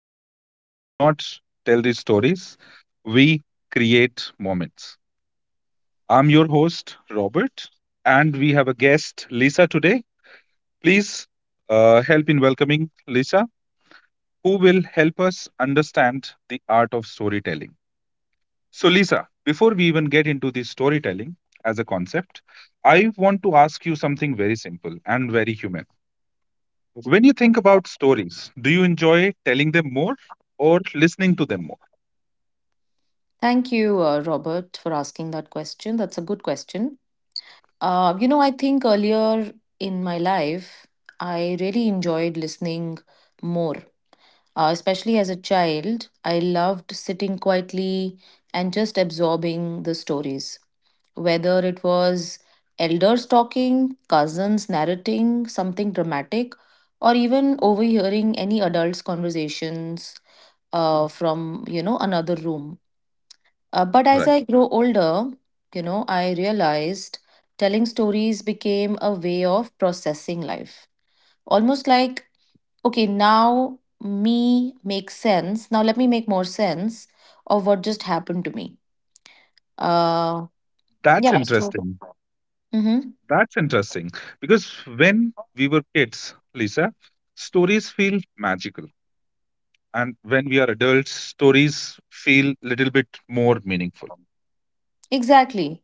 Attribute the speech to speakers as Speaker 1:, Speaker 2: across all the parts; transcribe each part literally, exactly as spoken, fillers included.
Speaker 1: we just do not tell these stories, we create moments. I'm your host, Robert, and we have a guest, Lisa, today. Please uh, help in welcoming Lisa, who will help us understand the art of storytelling. So, Lisa, before we even get into the storytelling as a concept, I want to ask you something very simple and very human. When you think about stories, do you enjoy telling them more or listening to them more?
Speaker 2: Thank you, uh, Robert, for asking that question. That's a good question. Uh, you know, I think earlier in my life, I really enjoyed listening more, uh, especially as a child. I loved sitting quietly and just absorbing the stories, whether it was elders talking, cousins narrating something dramatic, or even overhearing any adults' conversations uh, from, you know, another room. Uh, but as
Speaker 1: Right.
Speaker 2: I grow older, you know, I realized telling stories became a way of processing life. Almost like, okay, now me makes sense. Now let me make more sense of what just happened to me. Uh,
Speaker 1: That's
Speaker 2: yeah, so,
Speaker 1: interesting.
Speaker 2: mm-hmm,
Speaker 1: That's interesting. Because when we were kids, Lisa, stories feel magical. And when we are adults, stories feel little bit more meaningful.
Speaker 2: exactly.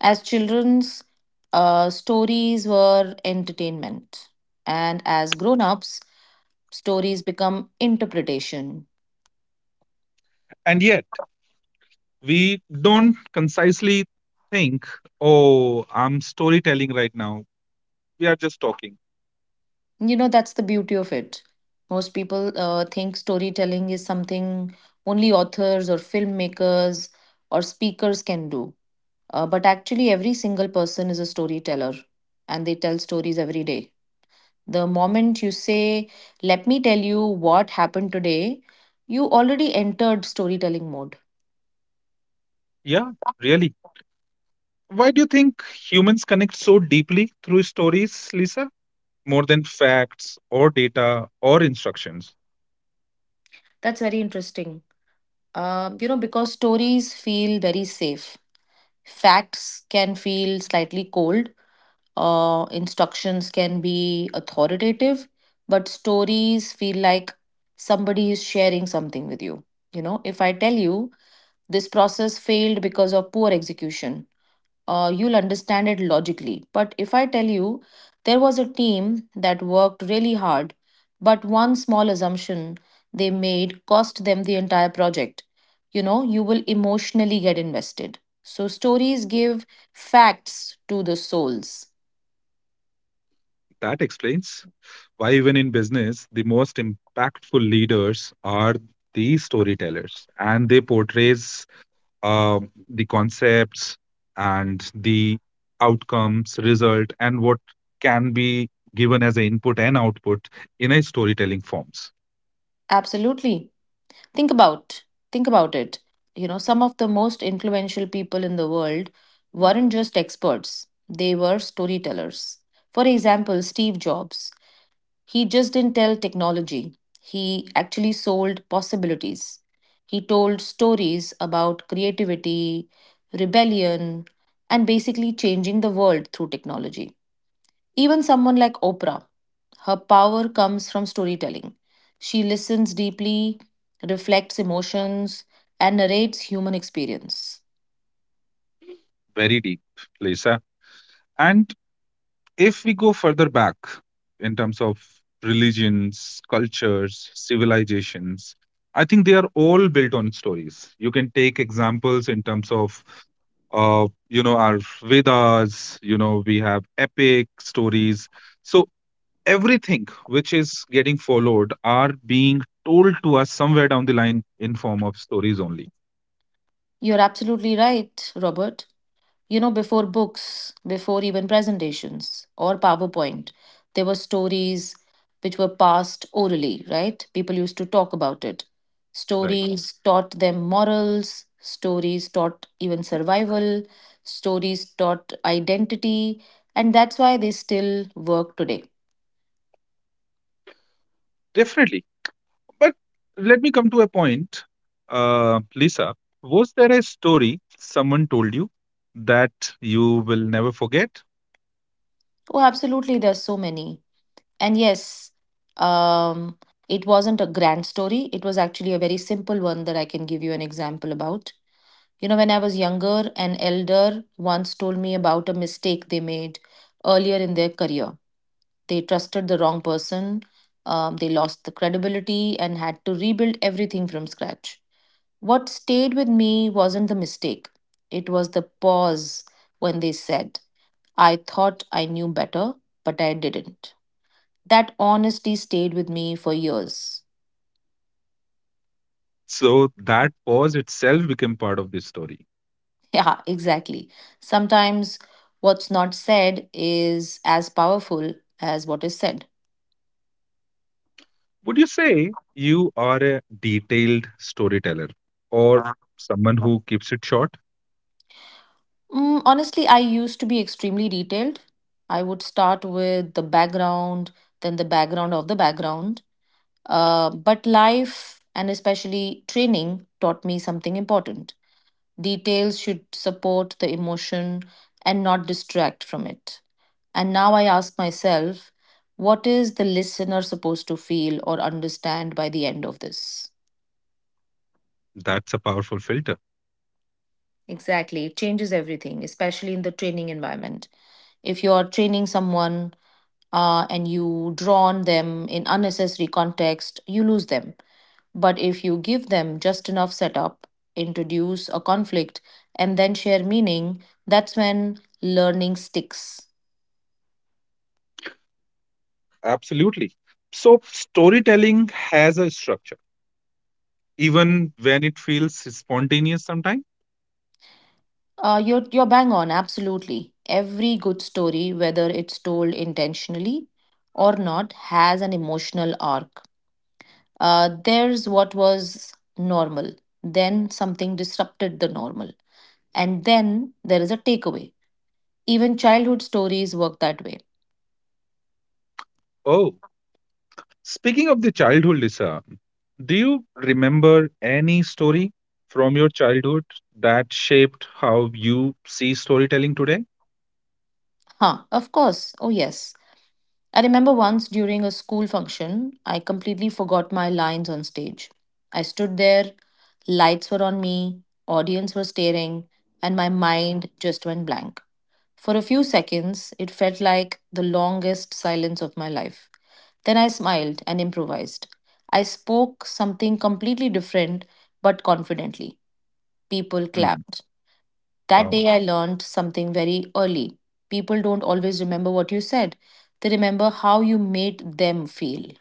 Speaker 2: As children's uh, stories were entertainment, and as grown ups, stories become interpretation.
Speaker 1: And yet, we don't concisely think, oh, I'm storytelling right now. We are just talking.
Speaker 2: You know, that's the beauty of it. Most people uh, think storytelling is something only authors or filmmakers or speakers can do. Uh, but actually, every single person is a storyteller and they tell stories every day. The moment you say, let me tell you what happened today, you already entered storytelling mode.
Speaker 1: Yeah, really. Why do you think humans connect so deeply through stories, Lisa, more than facts or data or instructions?
Speaker 2: That's very interesting. Uh, you know, because stories feel very safe, facts can feel slightly cold. Uh, instructions can be authoritative, but stories feel like somebody is sharing something with you. You know, if I tell you this process failed because of poor execution, uh, you'll understand it logically. But if I tell you there was a team that worked really hard, but one small assumption they made cost them the entire project, you know, you will emotionally get invested. So, stories give facts to the souls.
Speaker 1: That explains why, even in business, the most impactful leaders are the storytellers, and they portrays um, the concepts and the outcomes, result, and what can be given as an input and output in a storytelling forms.
Speaker 2: Absolutely. Think about think about it. You know, some of the most influential people in the world weren't just experts. They were storytellers. For example, Steve Jobs. He just didn't tell technology. He actually sold possibilities. He told stories about creativity, rebellion, and basically changing the world through technology. Even someone like Oprah, her power comes from storytelling. She listens deeply, reflects emotions, and narrates human experience.
Speaker 1: Very deep, Lisa. And if we go further back in terms of religions, cultures, civilizations, I think they are all built on stories. You can take examples in terms of, uh, you know, our Vedas, you know, we have epic stories. So everything which is getting followed are being told to us somewhere down the line in form of stories only,
Speaker 2: You're absolutely right, Robert. You know, before books, before even presentations or PowerPoint, there were stories which were passed orally, right? People used to talk about it.
Speaker 1: right?
Speaker 2: Stories taught them morals, stories taught even survival, stories taught identity, and that's why they still work today.
Speaker 1: Definitely. But let me come to a point. Uh, Lisa, was there a story someone told you that you will never forget?
Speaker 2: Oh, absolutely, there's so many. And yes, um, it wasn't a grand story, it was actually a very simple one that I can give you an example about. You know, when I was younger, an elder once told me about a mistake they made earlier in their career. They trusted the wrong person, um, they lost the credibility, and had to rebuild everything from scratch. What stayed with me wasn't the mistake, it was the pause when they said, I thought I knew better, but I didn't. That honesty stayed with me for years.
Speaker 1: So that pause itself became part of this story.
Speaker 2: Yeah, exactly. Sometimes what's not said is as powerful as what is said.
Speaker 1: Would you say you are a detailed storyteller or someone who keeps it short?
Speaker 2: Mm, honestly, I used to be extremely detailed. I would start with the background, then the background of the background. Uh, but life, and especially training, taught me something important. Details should support the emotion and not distract from it. And now I ask myself, what is the listener supposed to feel or understand by the end of this?
Speaker 1: That's a powerful filter.
Speaker 2: Exactly. It changes everything, especially in the training environment. If you are training someone uh, and you draw on them in unnecessary context, you lose them. But if you give them just enough setup, introduce a conflict, and then share meaning, that's when learning sticks.
Speaker 1: Absolutely. So storytelling has a structure, even when it feels spontaneous sometimes.
Speaker 2: Uh, you're, you're bang on, absolutely. Every good story, whether it's told intentionally or not, has an emotional arc. Uh, there's what was normal, then something disrupted the normal, and then there is a takeaway. Even childhood stories work that way.
Speaker 1: Oh. Speaking of the childhood, Lisa, do you remember any story from your childhood that shaped how you see storytelling today?
Speaker 2: Huh, of course. Oh, yes. I remember once during a school function, I completely forgot my lines on stage. I stood there, lights were on me, audience were staring, and my mind just went blank. For a few seconds, it felt like the longest silence of my life. Then I smiled and improvised. I spoke something completely different but confidently. People
Speaker 1: Hmm.
Speaker 2: clapped. That
Speaker 1: Wow,
Speaker 2: day, I learned something very early. People don't always remember what you said, they remember how you made them feel.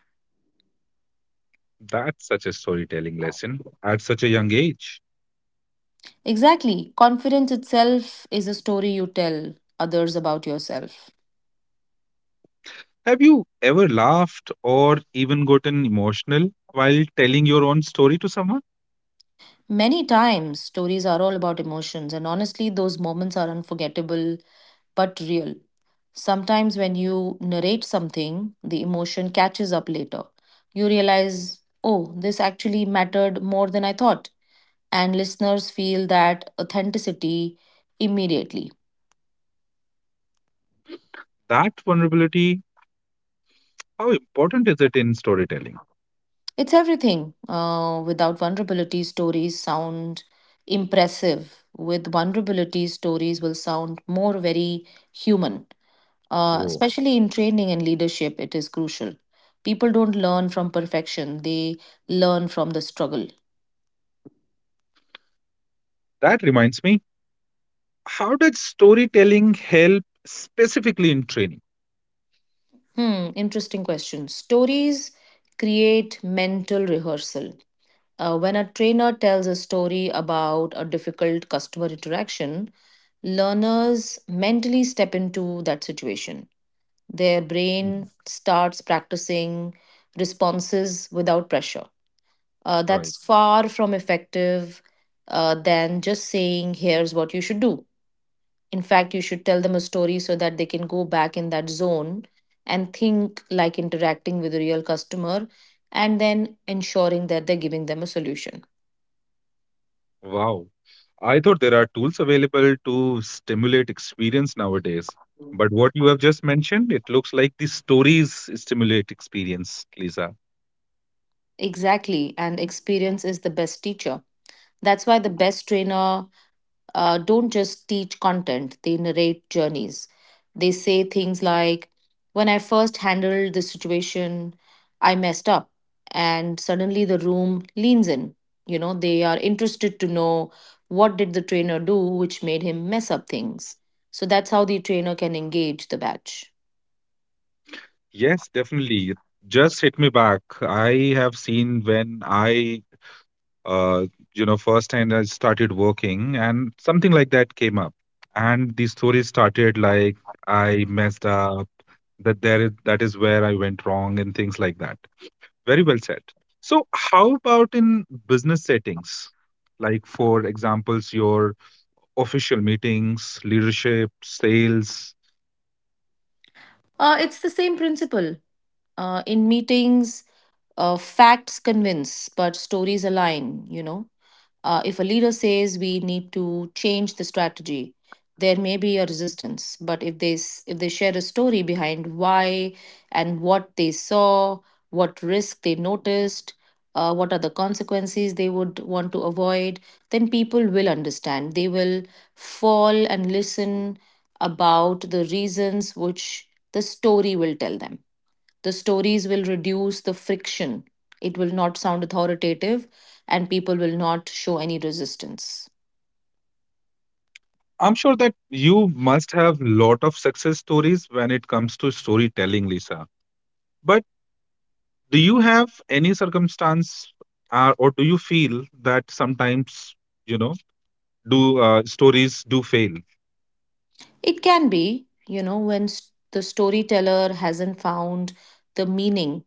Speaker 1: that's such a storytelling lesson at such a young age.
Speaker 2: Exactly. Confidence itself is a story you tell others about yourself.
Speaker 1: Have you ever laughed or even gotten emotional while telling your own story to someone?
Speaker 2: Many times, stories are all about emotions, and honestly, those moments are unforgettable but real. Sometimes, when you narrate something, the emotion catches up later. You realize, oh, this actually mattered more than I thought. And listeners feel that authenticity immediately.
Speaker 1: That vulnerability, how important is it in storytelling?
Speaker 2: It's everything. Uh, without vulnerability, stories sound impressive. With vulnerability, stories will sound more very human. Uh,
Speaker 1: Whoa,
Speaker 2: especially in training and leadership, it is crucial. People don't learn from perfection, they learn from the struggle.
Speaker 1: that reminds me. How does storytelling help specifically in training?
Speaker 2: Hmm, interesting question. Stories create mental rehearsal. Uh, when a trainer tells a story about a difficult customer interaction, learners mentally step into that situation. Their
Speaker 1: Hmm.
Speaker 2: brain starts practicing responses without pressure. Uh,
Speaker 1: Right.
Speaker 2: that's far from effective uh, than just saying, here's what you should do. In fact, you should tell them a story so that they can go back in that zone and think like interacting with a real customer and then ensuring that they're giving them a solution.
Speaker 1: Wow. I thought there are tools available to stimulate experience nowadays. But what you have just mentioned, it looks like the stories stimulate experience, Lisa.
Speaker 2: Exactly, and experience is the best teacher. That's why the best trainer uh, don't just teach content, they narrate journeys. They say things like, when I first handled this situation, I messed up. And suddenly the room leans in. You know, they are interested to know what did the trainer do which made him mess up things. So that's how the trainer can engage the batch.
Speaker 1: Yes, definitely. It just hit me back. I have seen when I, uh, you know, first time I started working and something like that came up. And the story started like I messed up, that there is, that is where I went wrong and things like that. Very well said. So, how about in business settings? Like, for examples, your official meetings, leadership, sales.
Speaker 2: Uh, it's the same principle. Uh, in meetings, Uh, facts convince, but stories align, you know. Uh, if a leader says we need to change the strategy, there may be a resistance. But if they s- if they share a story behind why and what they saw, what risk they noticed, uh, what are the consequences they would want to avoid, then people will understand. They will fall and listen about the reasons which the story will tell them. The stories will reduce the friction. It will not sound authoritative and people will not show any resistance.
Speaker 1: I'm sure that you must have lot of success stories when it comes to storytelling, Lisa. But do you have any circumstance, uh, or do you feel that sometimes, you know, do uh, stories do fail?
Speaker 2: It can be, you know, when s- the storyteller hasn't found the meaning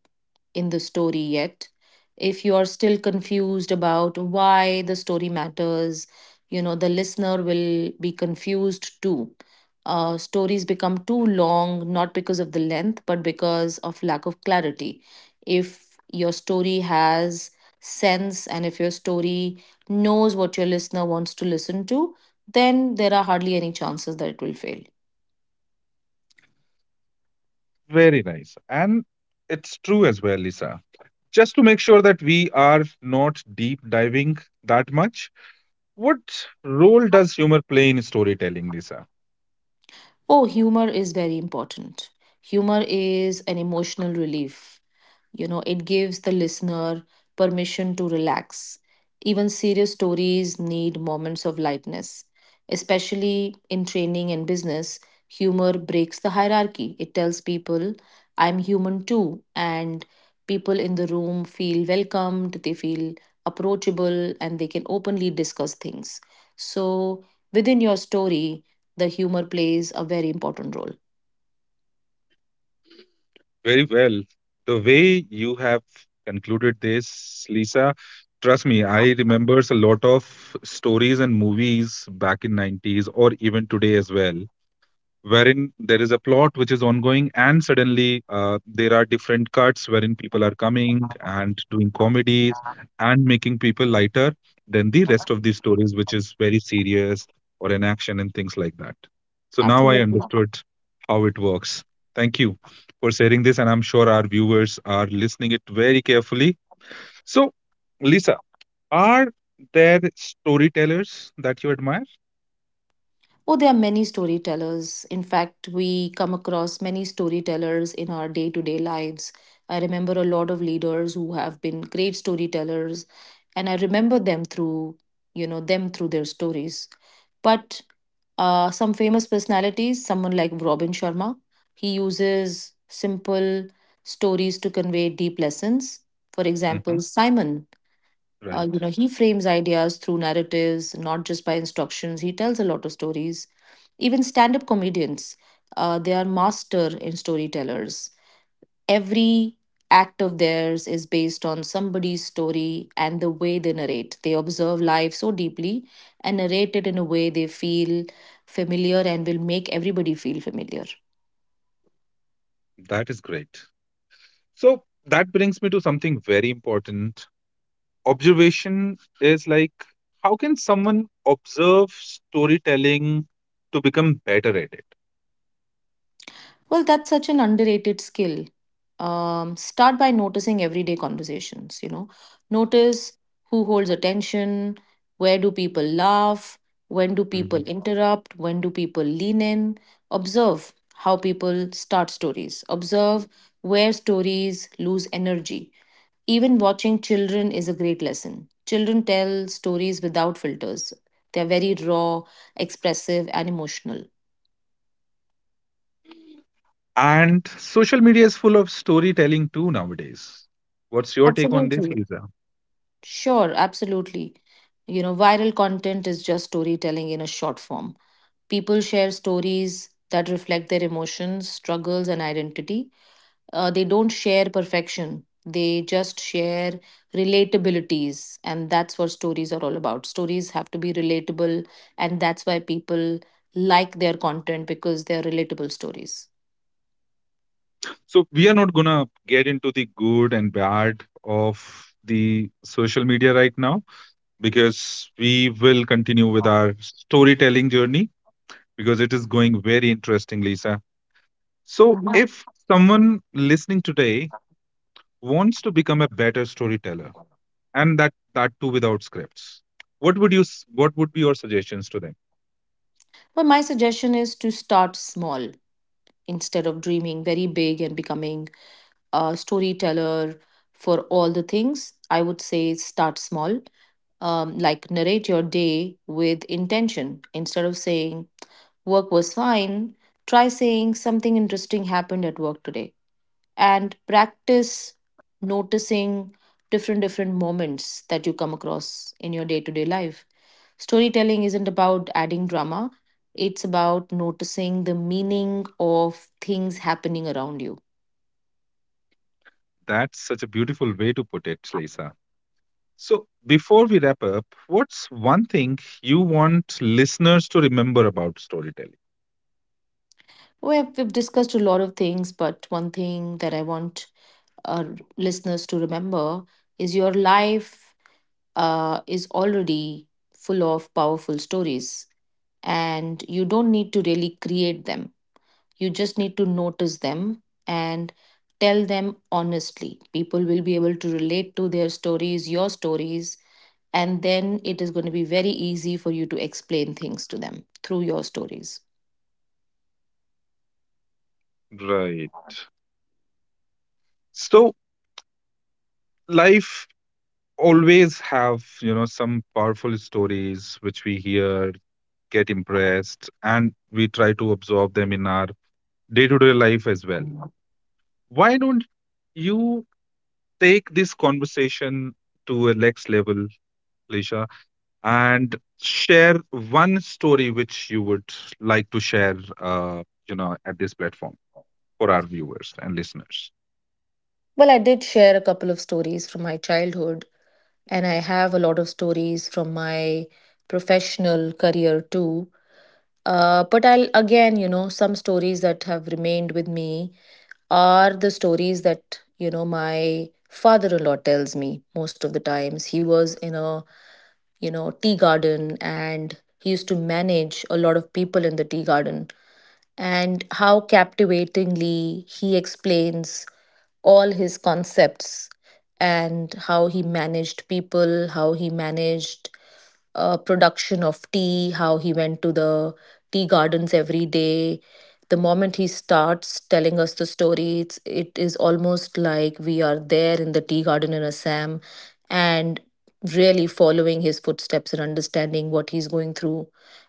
Speaker 2: in the story yet, if you are still confused about why the story matters, you know, the listener will be confused too. Uh, stories become too long, not because of the length, but because of lack of clarity. If your story has sense and if your story knows what your listener wants to listen to, then there are hardly any chances that it will fail.
Speaker 1: Very nice, and it's true as well, Lisa. Just to make sure that we are not deep diving that much, what role does humor play in storytelling, Lisa?
Speaker 2: Oh, humor is very important. Humor is an emotional relief. You know, it gives the listener permission to relax. Even serious stories need moments of lightness. Especially in training and business, humor breaks the hierarchy. It tells people, I'm human too. And people in the room feel welcomed, they feel approachable, and they can openly discuss things. So, within your story, the humor plays a very important role.
Speaker 1: Very well. The way you have concluded this, Lisa, trust me, I remembers a lot of stories and movies back in nineties or even today as well, wherein there is a plot which is ongoing, and suddenly uh, there are different cuts wherein people are coming and doing comedies and making people lighter than the rest of the stories which is very serious or an action and things like that. So now I
Speaker 2: Absolutely.
Speaker 1: understood how it works. Thank you for sharing this, and I'm sure our viewers are listening it very carefully. So, Lisa, are there storytellers that you admire?
Speaker 2: Oh, there are many storytellers. In fact, we come across many storytellers in our day to day lives. I remember a lot of leaders who have been great storytellers, and I remember them through, you know, them through their stories. But uh, some famous personalities, someone like Robin Sharma, he uses simple stories to convey deep lessons. For
Speaker 1: Hmm.
Speaker 2: example, Simon. Uh,
Speaker 1: Right.
Speaker 2: you know, he frames ideas through narratives, not just by instructions. He tells a lot of stories. Even stand-up comedians, uh, they are master in storytellers. Every act of theirs is based on somebody's story and the way they narrate. They observe life so deeply and narrate it in a way they feel familiar and will make everybody feel familiar.
Speaker 1: That is great. So that brings me to something very important. Observation is like how can someone observe storytelling to become better at it?
Speaker 2: Well, that's such an underrated skill. Um, start by noticing everyday conversations, you know. Notice who holds attention, where do people laugh, when do people
Speaker 1: Mhm.
Speaker 2: interrupt, when do people lean in. Observe how people start stories. Observe where stories lose energy. Even watching children is a great lesson. Children tell stories without filters. They're very raw, expressive, and emotional.
Speaker 1: And social media is full of storytelling too nowadays. What's your take on this,
Speaker 2: Absolutely.
Speaker 1: Lisa?
Speaker 2: Sure, absolutely. You know, viral content is just storytelling in a short form. People share stories that reflect their emotions, struggles, and identity. Uh, they don't share perfection, they just share relatabilities. And that's what stories are all about. Stories have to be relatable, and that's why people like their content because they're relatable stories.
Speaker 1: So we are not gonna get into the good and bad of the social media right now, because we will continue with our storytelling journey, because it is going very interesting, Lisa. So,
Speaker 2: Mhm.
Speaker 1: if someone listening today wants to become a better storyteller, and that that too without scripts, what would you s- what would be your suggestions to them?
Speaker 2: Well, my suggestion is to start small instead of dreaming very big and becoming a storyteller for all the things, I would say start small. Um, like narrate your day with intention. Instead of saying work was fine, try saying something interesting happened at work today, and practice noticing different different moments that you come across in your day-to-day life. Storytelling isn't about adding drama, it's about noticing the meaning of things happening around you.
Speaker 1: That's such a beautiful way to put it, Lisa. So, before we wrap up, what's one thing you want listeners to remember about storytelling?
Speaker 2: We have, we've discussed a lot of things, but one thing that I want our listeners to remember is your life uh, is already full of powerful stories, and you don't need to really create them. You just need to notice them and tell them honestly. People will be able to relate to their stories, your stories, and then it is going to be very easy for you to explain things to them through your stories.
Speaker 1: Right. So life always have, you know, some powerful stories which we hear, get impressed, and we try to absorb them in our day-to-day life as well. Why don't you take this conversation to a next level, Lisha, and share one story which you would like to share, uh, you know, at this platform for our viewers and listeners?
Speaker 2: Well, I did share a couple of stories from my childhood, and I have a lot of stories from my professional career too. Uh, but I'll again, you know, some stories that have remained with me are the stories that, you know, my father in law tells me most of the times. He was in a, you know, tea garden, and he used to manage a lot of people in the tea garden, and how captivatingly he explains all his concepts and how he managed people, how he managed uh, production of tea, how he went to the tea gardens every day. The moment he starts telling us the story, it's, it is almost like we are there in the tea garden in Assam and really following his footsteps and understanding what he's going through,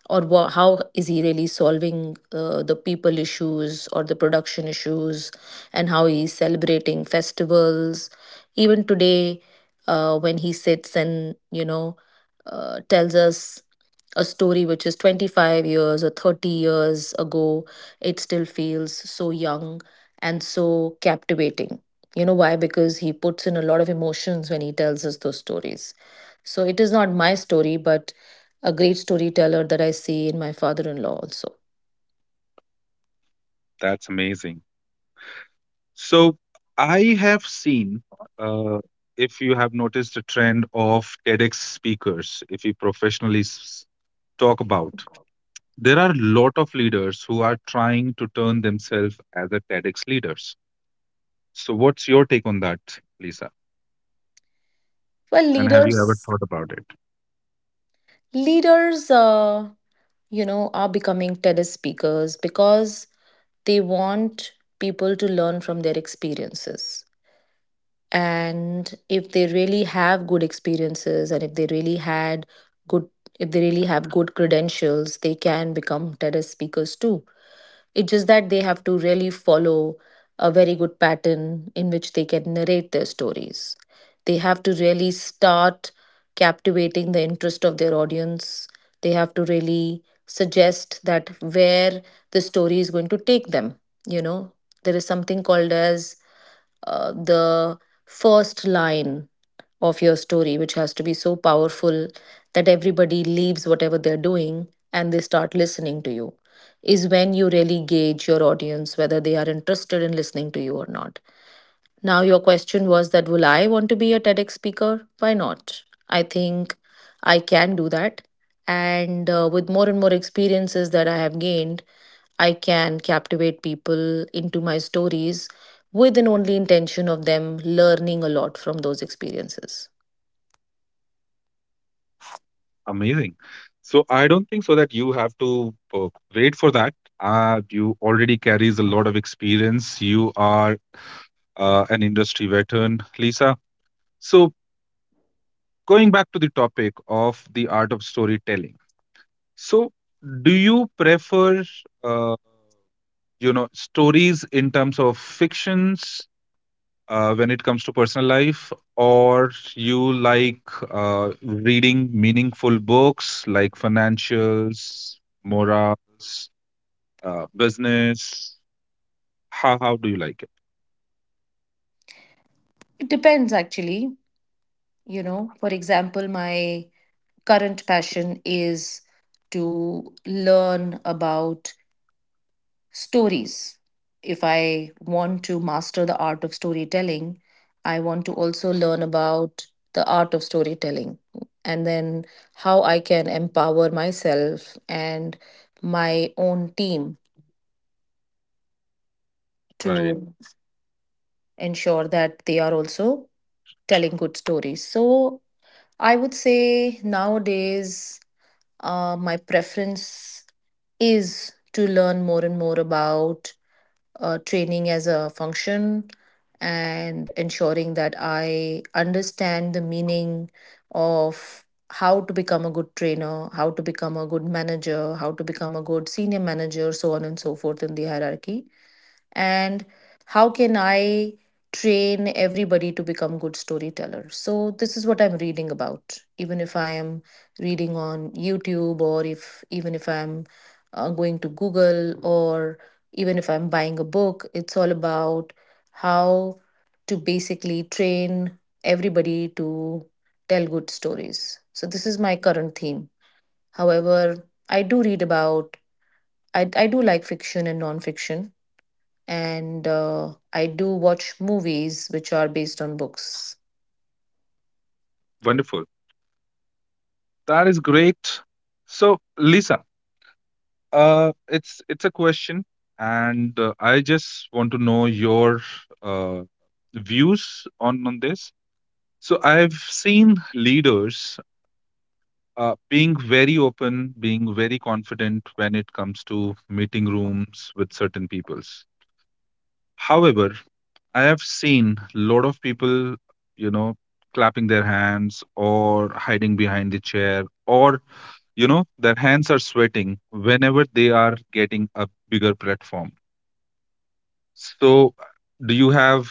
Speaker 2: or wha how is he really solving uh, the people issues or the production issues, and how he's celebrating festivals even today. Uh, when he sits and, you know, uh, tells us a story which is twenty-five years or thirty years ago, it still feels so young and so captivating. You know why? Because he puts in a lot of emotions when he tells us those stories. So it is not my story, but a great storyteller that I see in my father-in-law also.
Speaker 1: That's amazing. So I have seen, uh, if you have noticed, a trend of TEDx speakers, if you professionally s- talk about. There are a lot of leaders who are trying to turn themselves as a TEDx leaders. So what's your take on that, Lisa?
Speaker 2: Well,
Speaker 1: And have you ever
Speaker 2: leaders,
Speaker 1: thought about it?
Speaker 2: leaders, uh, you know, are becoming TEDx speakers because they want people to learn from their experiences. And if they really have good experiences, and if they really had good, if they really have good credentials, they can become TEDx speakers too. It's just that they have to really follow a very good pattern in which they can narrate their stories. They have to really start captivating the interest of their audience. They have to really suggest that where the story is going to take them. You know, there is something called as uh, the first line of your story, which has to be so powerful that everybody leaves whatever they're doing and they start listening to you, is when you really gauge your audience whether they are interested in listening to you or not. Now, your question was that will I want to be a TEDx speaker? Why not? I think I can do that. And uh, with more and more experiences that I have gained, I can captivate people into my stories with an only intention of them learning a lot from those experiences.
Speaker 1: Amazing. So I don't think so that you have to uh, wait for that. Uh, you already carries a lot of experience. You are uh, an industry veteran, Lisa. So going back to the topic of the art of storytelling. So do you prefer uh, you know stories in terms of fictions, uh, when it comes to personal life, or you like uh, reading meaningful books like financials, morals, uh, business? How how do you like it?
Speaker 2: It depends, actually. You know, for example, my current passion is to learn about stories. If I want to master the art of storytelling, I want to also learn about the art of storytelling, and then how I can empower myself and my own team
Speaker 1: Right,
Speaker 2: to ensure that they are also telling good stories. So I would say nowadays, uh, my preference is to learn more and more about uh, training as a function, and ensuring that I understand the meaning of how to become a good trainer, how to become a good manager, how to become a good senior manager, so on and so forth in the hierarchy, and how can I train everybody to become good storytellers. So this is what I'm reading about. Even if I am reading on YouTube, or if even if I'm uh, going to Google, or even if I'm buying a book, it's all about how to basically train everybody to tell good stories. So this is my current theme. However, I do read about i, I do like fiction and nonfiction, and uh, I do watch movies which are based on books.
Speaker 1: wonderful. That is great. So, Lisa, uh, it's it's a question, and uh, I just want to know your uh, views on on this. So, I've seen leaders uh, being very open, being very confident when it comes to meeting rooms with certain peoples. However, I have seen a lot of people, you know, clapping their hands or hiding behind the chair or, you know, their hands are sweating whenever they are getting a bigger platform. So, do you have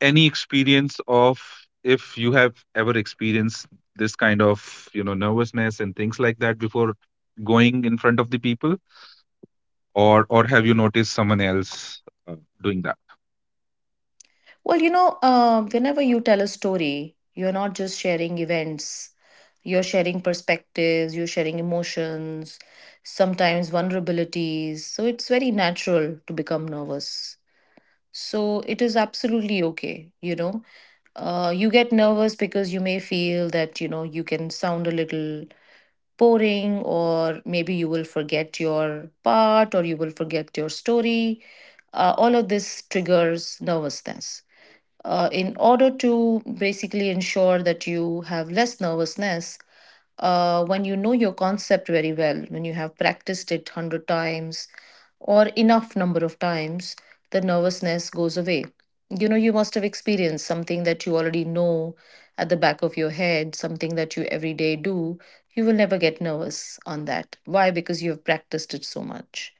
Speaker 1: any experience of, if you have ever experienced this kind of you know nervousness and things like that before going in front of the people, or or have you noticed someone else uh, doing that?
Speaker 2: Well, you know, uh, whenever you tell a story, you're not just sharing events, you're sharing perspectives, you're sharing emotions, sometimes vulnerabilities. So it's very natural to become nervous. So it is absolutely okay, you know. Uh, you get nervous because you may feel that you know you can sound a little boring, or maybe you will forget your part or you will forget your story. Uh, all of this triggers nervousness. Uh, in order to basically ensure that you have less nervousness, uh, when you know your concept very well, when you have practiced it a hundred times or enough number of times, the nervousness goes away. You know, you must have experienced something that you already know at the back of your head, something that you every day do. You will never get nervous on that. Why? Because you have practiced it so much.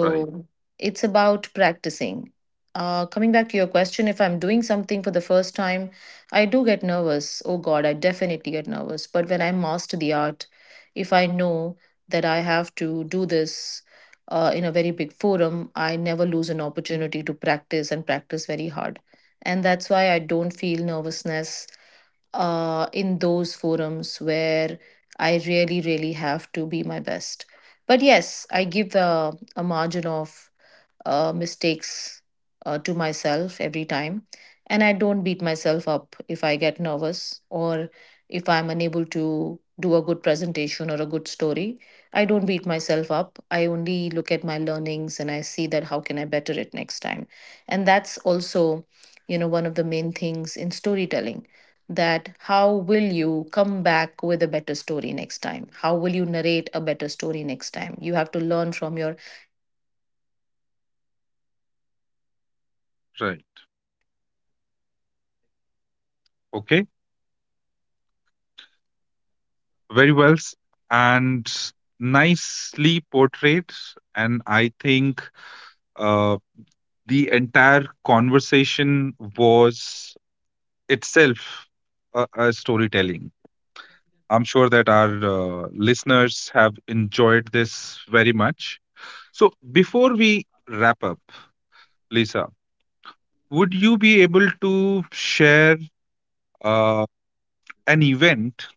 Speaker 1: Right,
Speaker 2: it's about practicing. Uh, coming back to your question, if I'm doing something for the first time, I do get nervous. Oh God, I definitely get nervous. But when I master the art, if I know that I have to do this uh, in a very big forum, I never lose an opportunity to practice and practice very hard. And that's why I don't feel nervousness uh, in those forums where I really, really have to be my best. But yes, I give uh, a margin of uh, mistakes uh, to myself every time. And I don't beat myself up if I get nervous, or if I'm unable to do a good presentation or a good story. I don't beat myself up. I only look at my learnings and I see that how can I better it next time. And that's also, you know, one of the main things in storytelling, that how will you come back with a better story next time? How will you narrate a better story next time? You have to learn from your.
Speaker 1: right. Okay, very well s- and nicely portrayed. And I think uh, the entire conversation was itself a, a storytelling. I'm sure that our uh, listeners have enjoyed this very much. So, before we wrap up, Lisa, would you be able to share uh, an event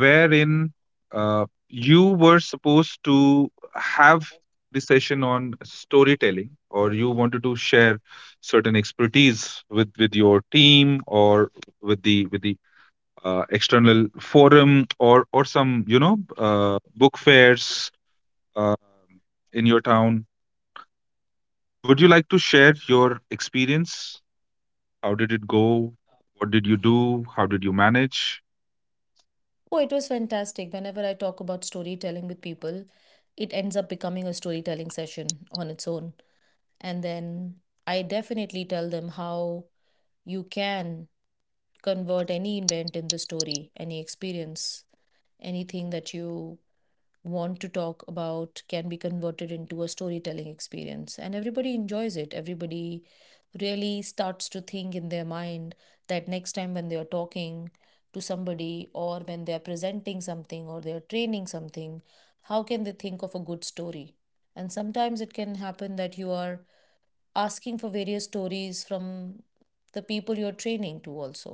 Speaker 1: wherein uh, you were supposed to have the session on storytelling, or you wanted to share certain expertise with with your team or with the with the uh, external forum or or some you know uh, book fairs um, in your town. Would you like to share your experience? How did it go? What did you do? How did you manage?
Speaker 2: Oh, it was fantastic. Whenever I talk about storytelling with people, it ends up becoming a storytelling session on its own. And then I definitely tell them how you can convert any event in the story, any experience, anything that you want to talk about can be converted into a storytelling experience. And everybody enjoys it. Everybody really starts to think in their mind that next time when they are talking to somebody, or when they are presenting something, or they are training something, how can they think of a good story? And sometimes it can happen that you are asking for various stories from the people you're training to. Also,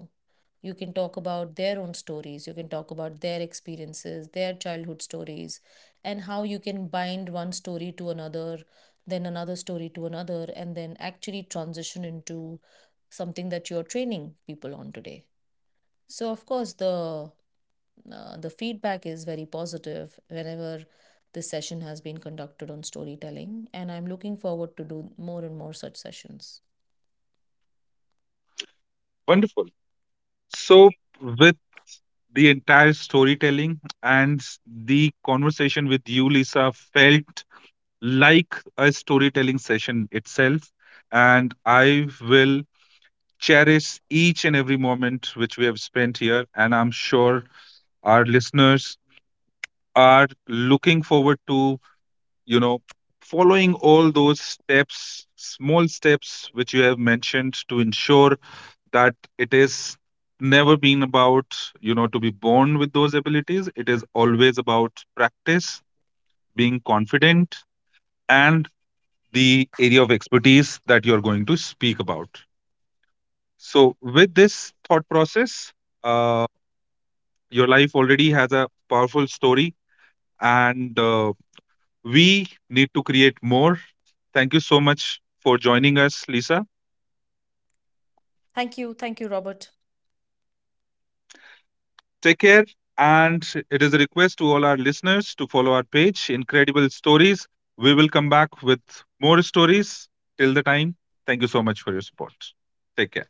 Speaker 2: you can talk about their own stories, you can talk about their experiences, their childhood stories, and how you can bind one story to another, then another story to another, and then actually transition into something that you're training people on today. So of course the uh, the feedback is very positive whenever this session has been conducted on storytelling, and I'm looking forward to do more and more such sessions.
Speaker 1: Wonderful. So, with the entire storytelling and s- the conversation with you, Lisa, felt like a storytelling session itself. And I will cherish each and every moment which we have spent here. And I'm sure our listeners are looking forward to you know following all those steps small steps which you have mentioned, to ensure that it is never been about you know to be born with those abilities. It is always about practice, being confident, and the area of expertise that you're going to speak about. So with this thought process, uh, your life already has a powerful story, and uh, we need to create more. Thank you so much for joining us, Lisa.
Speaker 2: Thank you. Thank you, Robert.
Speaker 1: Take care. And it is a request to all our listeners to follow our page, Incredible Stories. We will come back with more stories. Till the time, thank you so much for your support. Take care.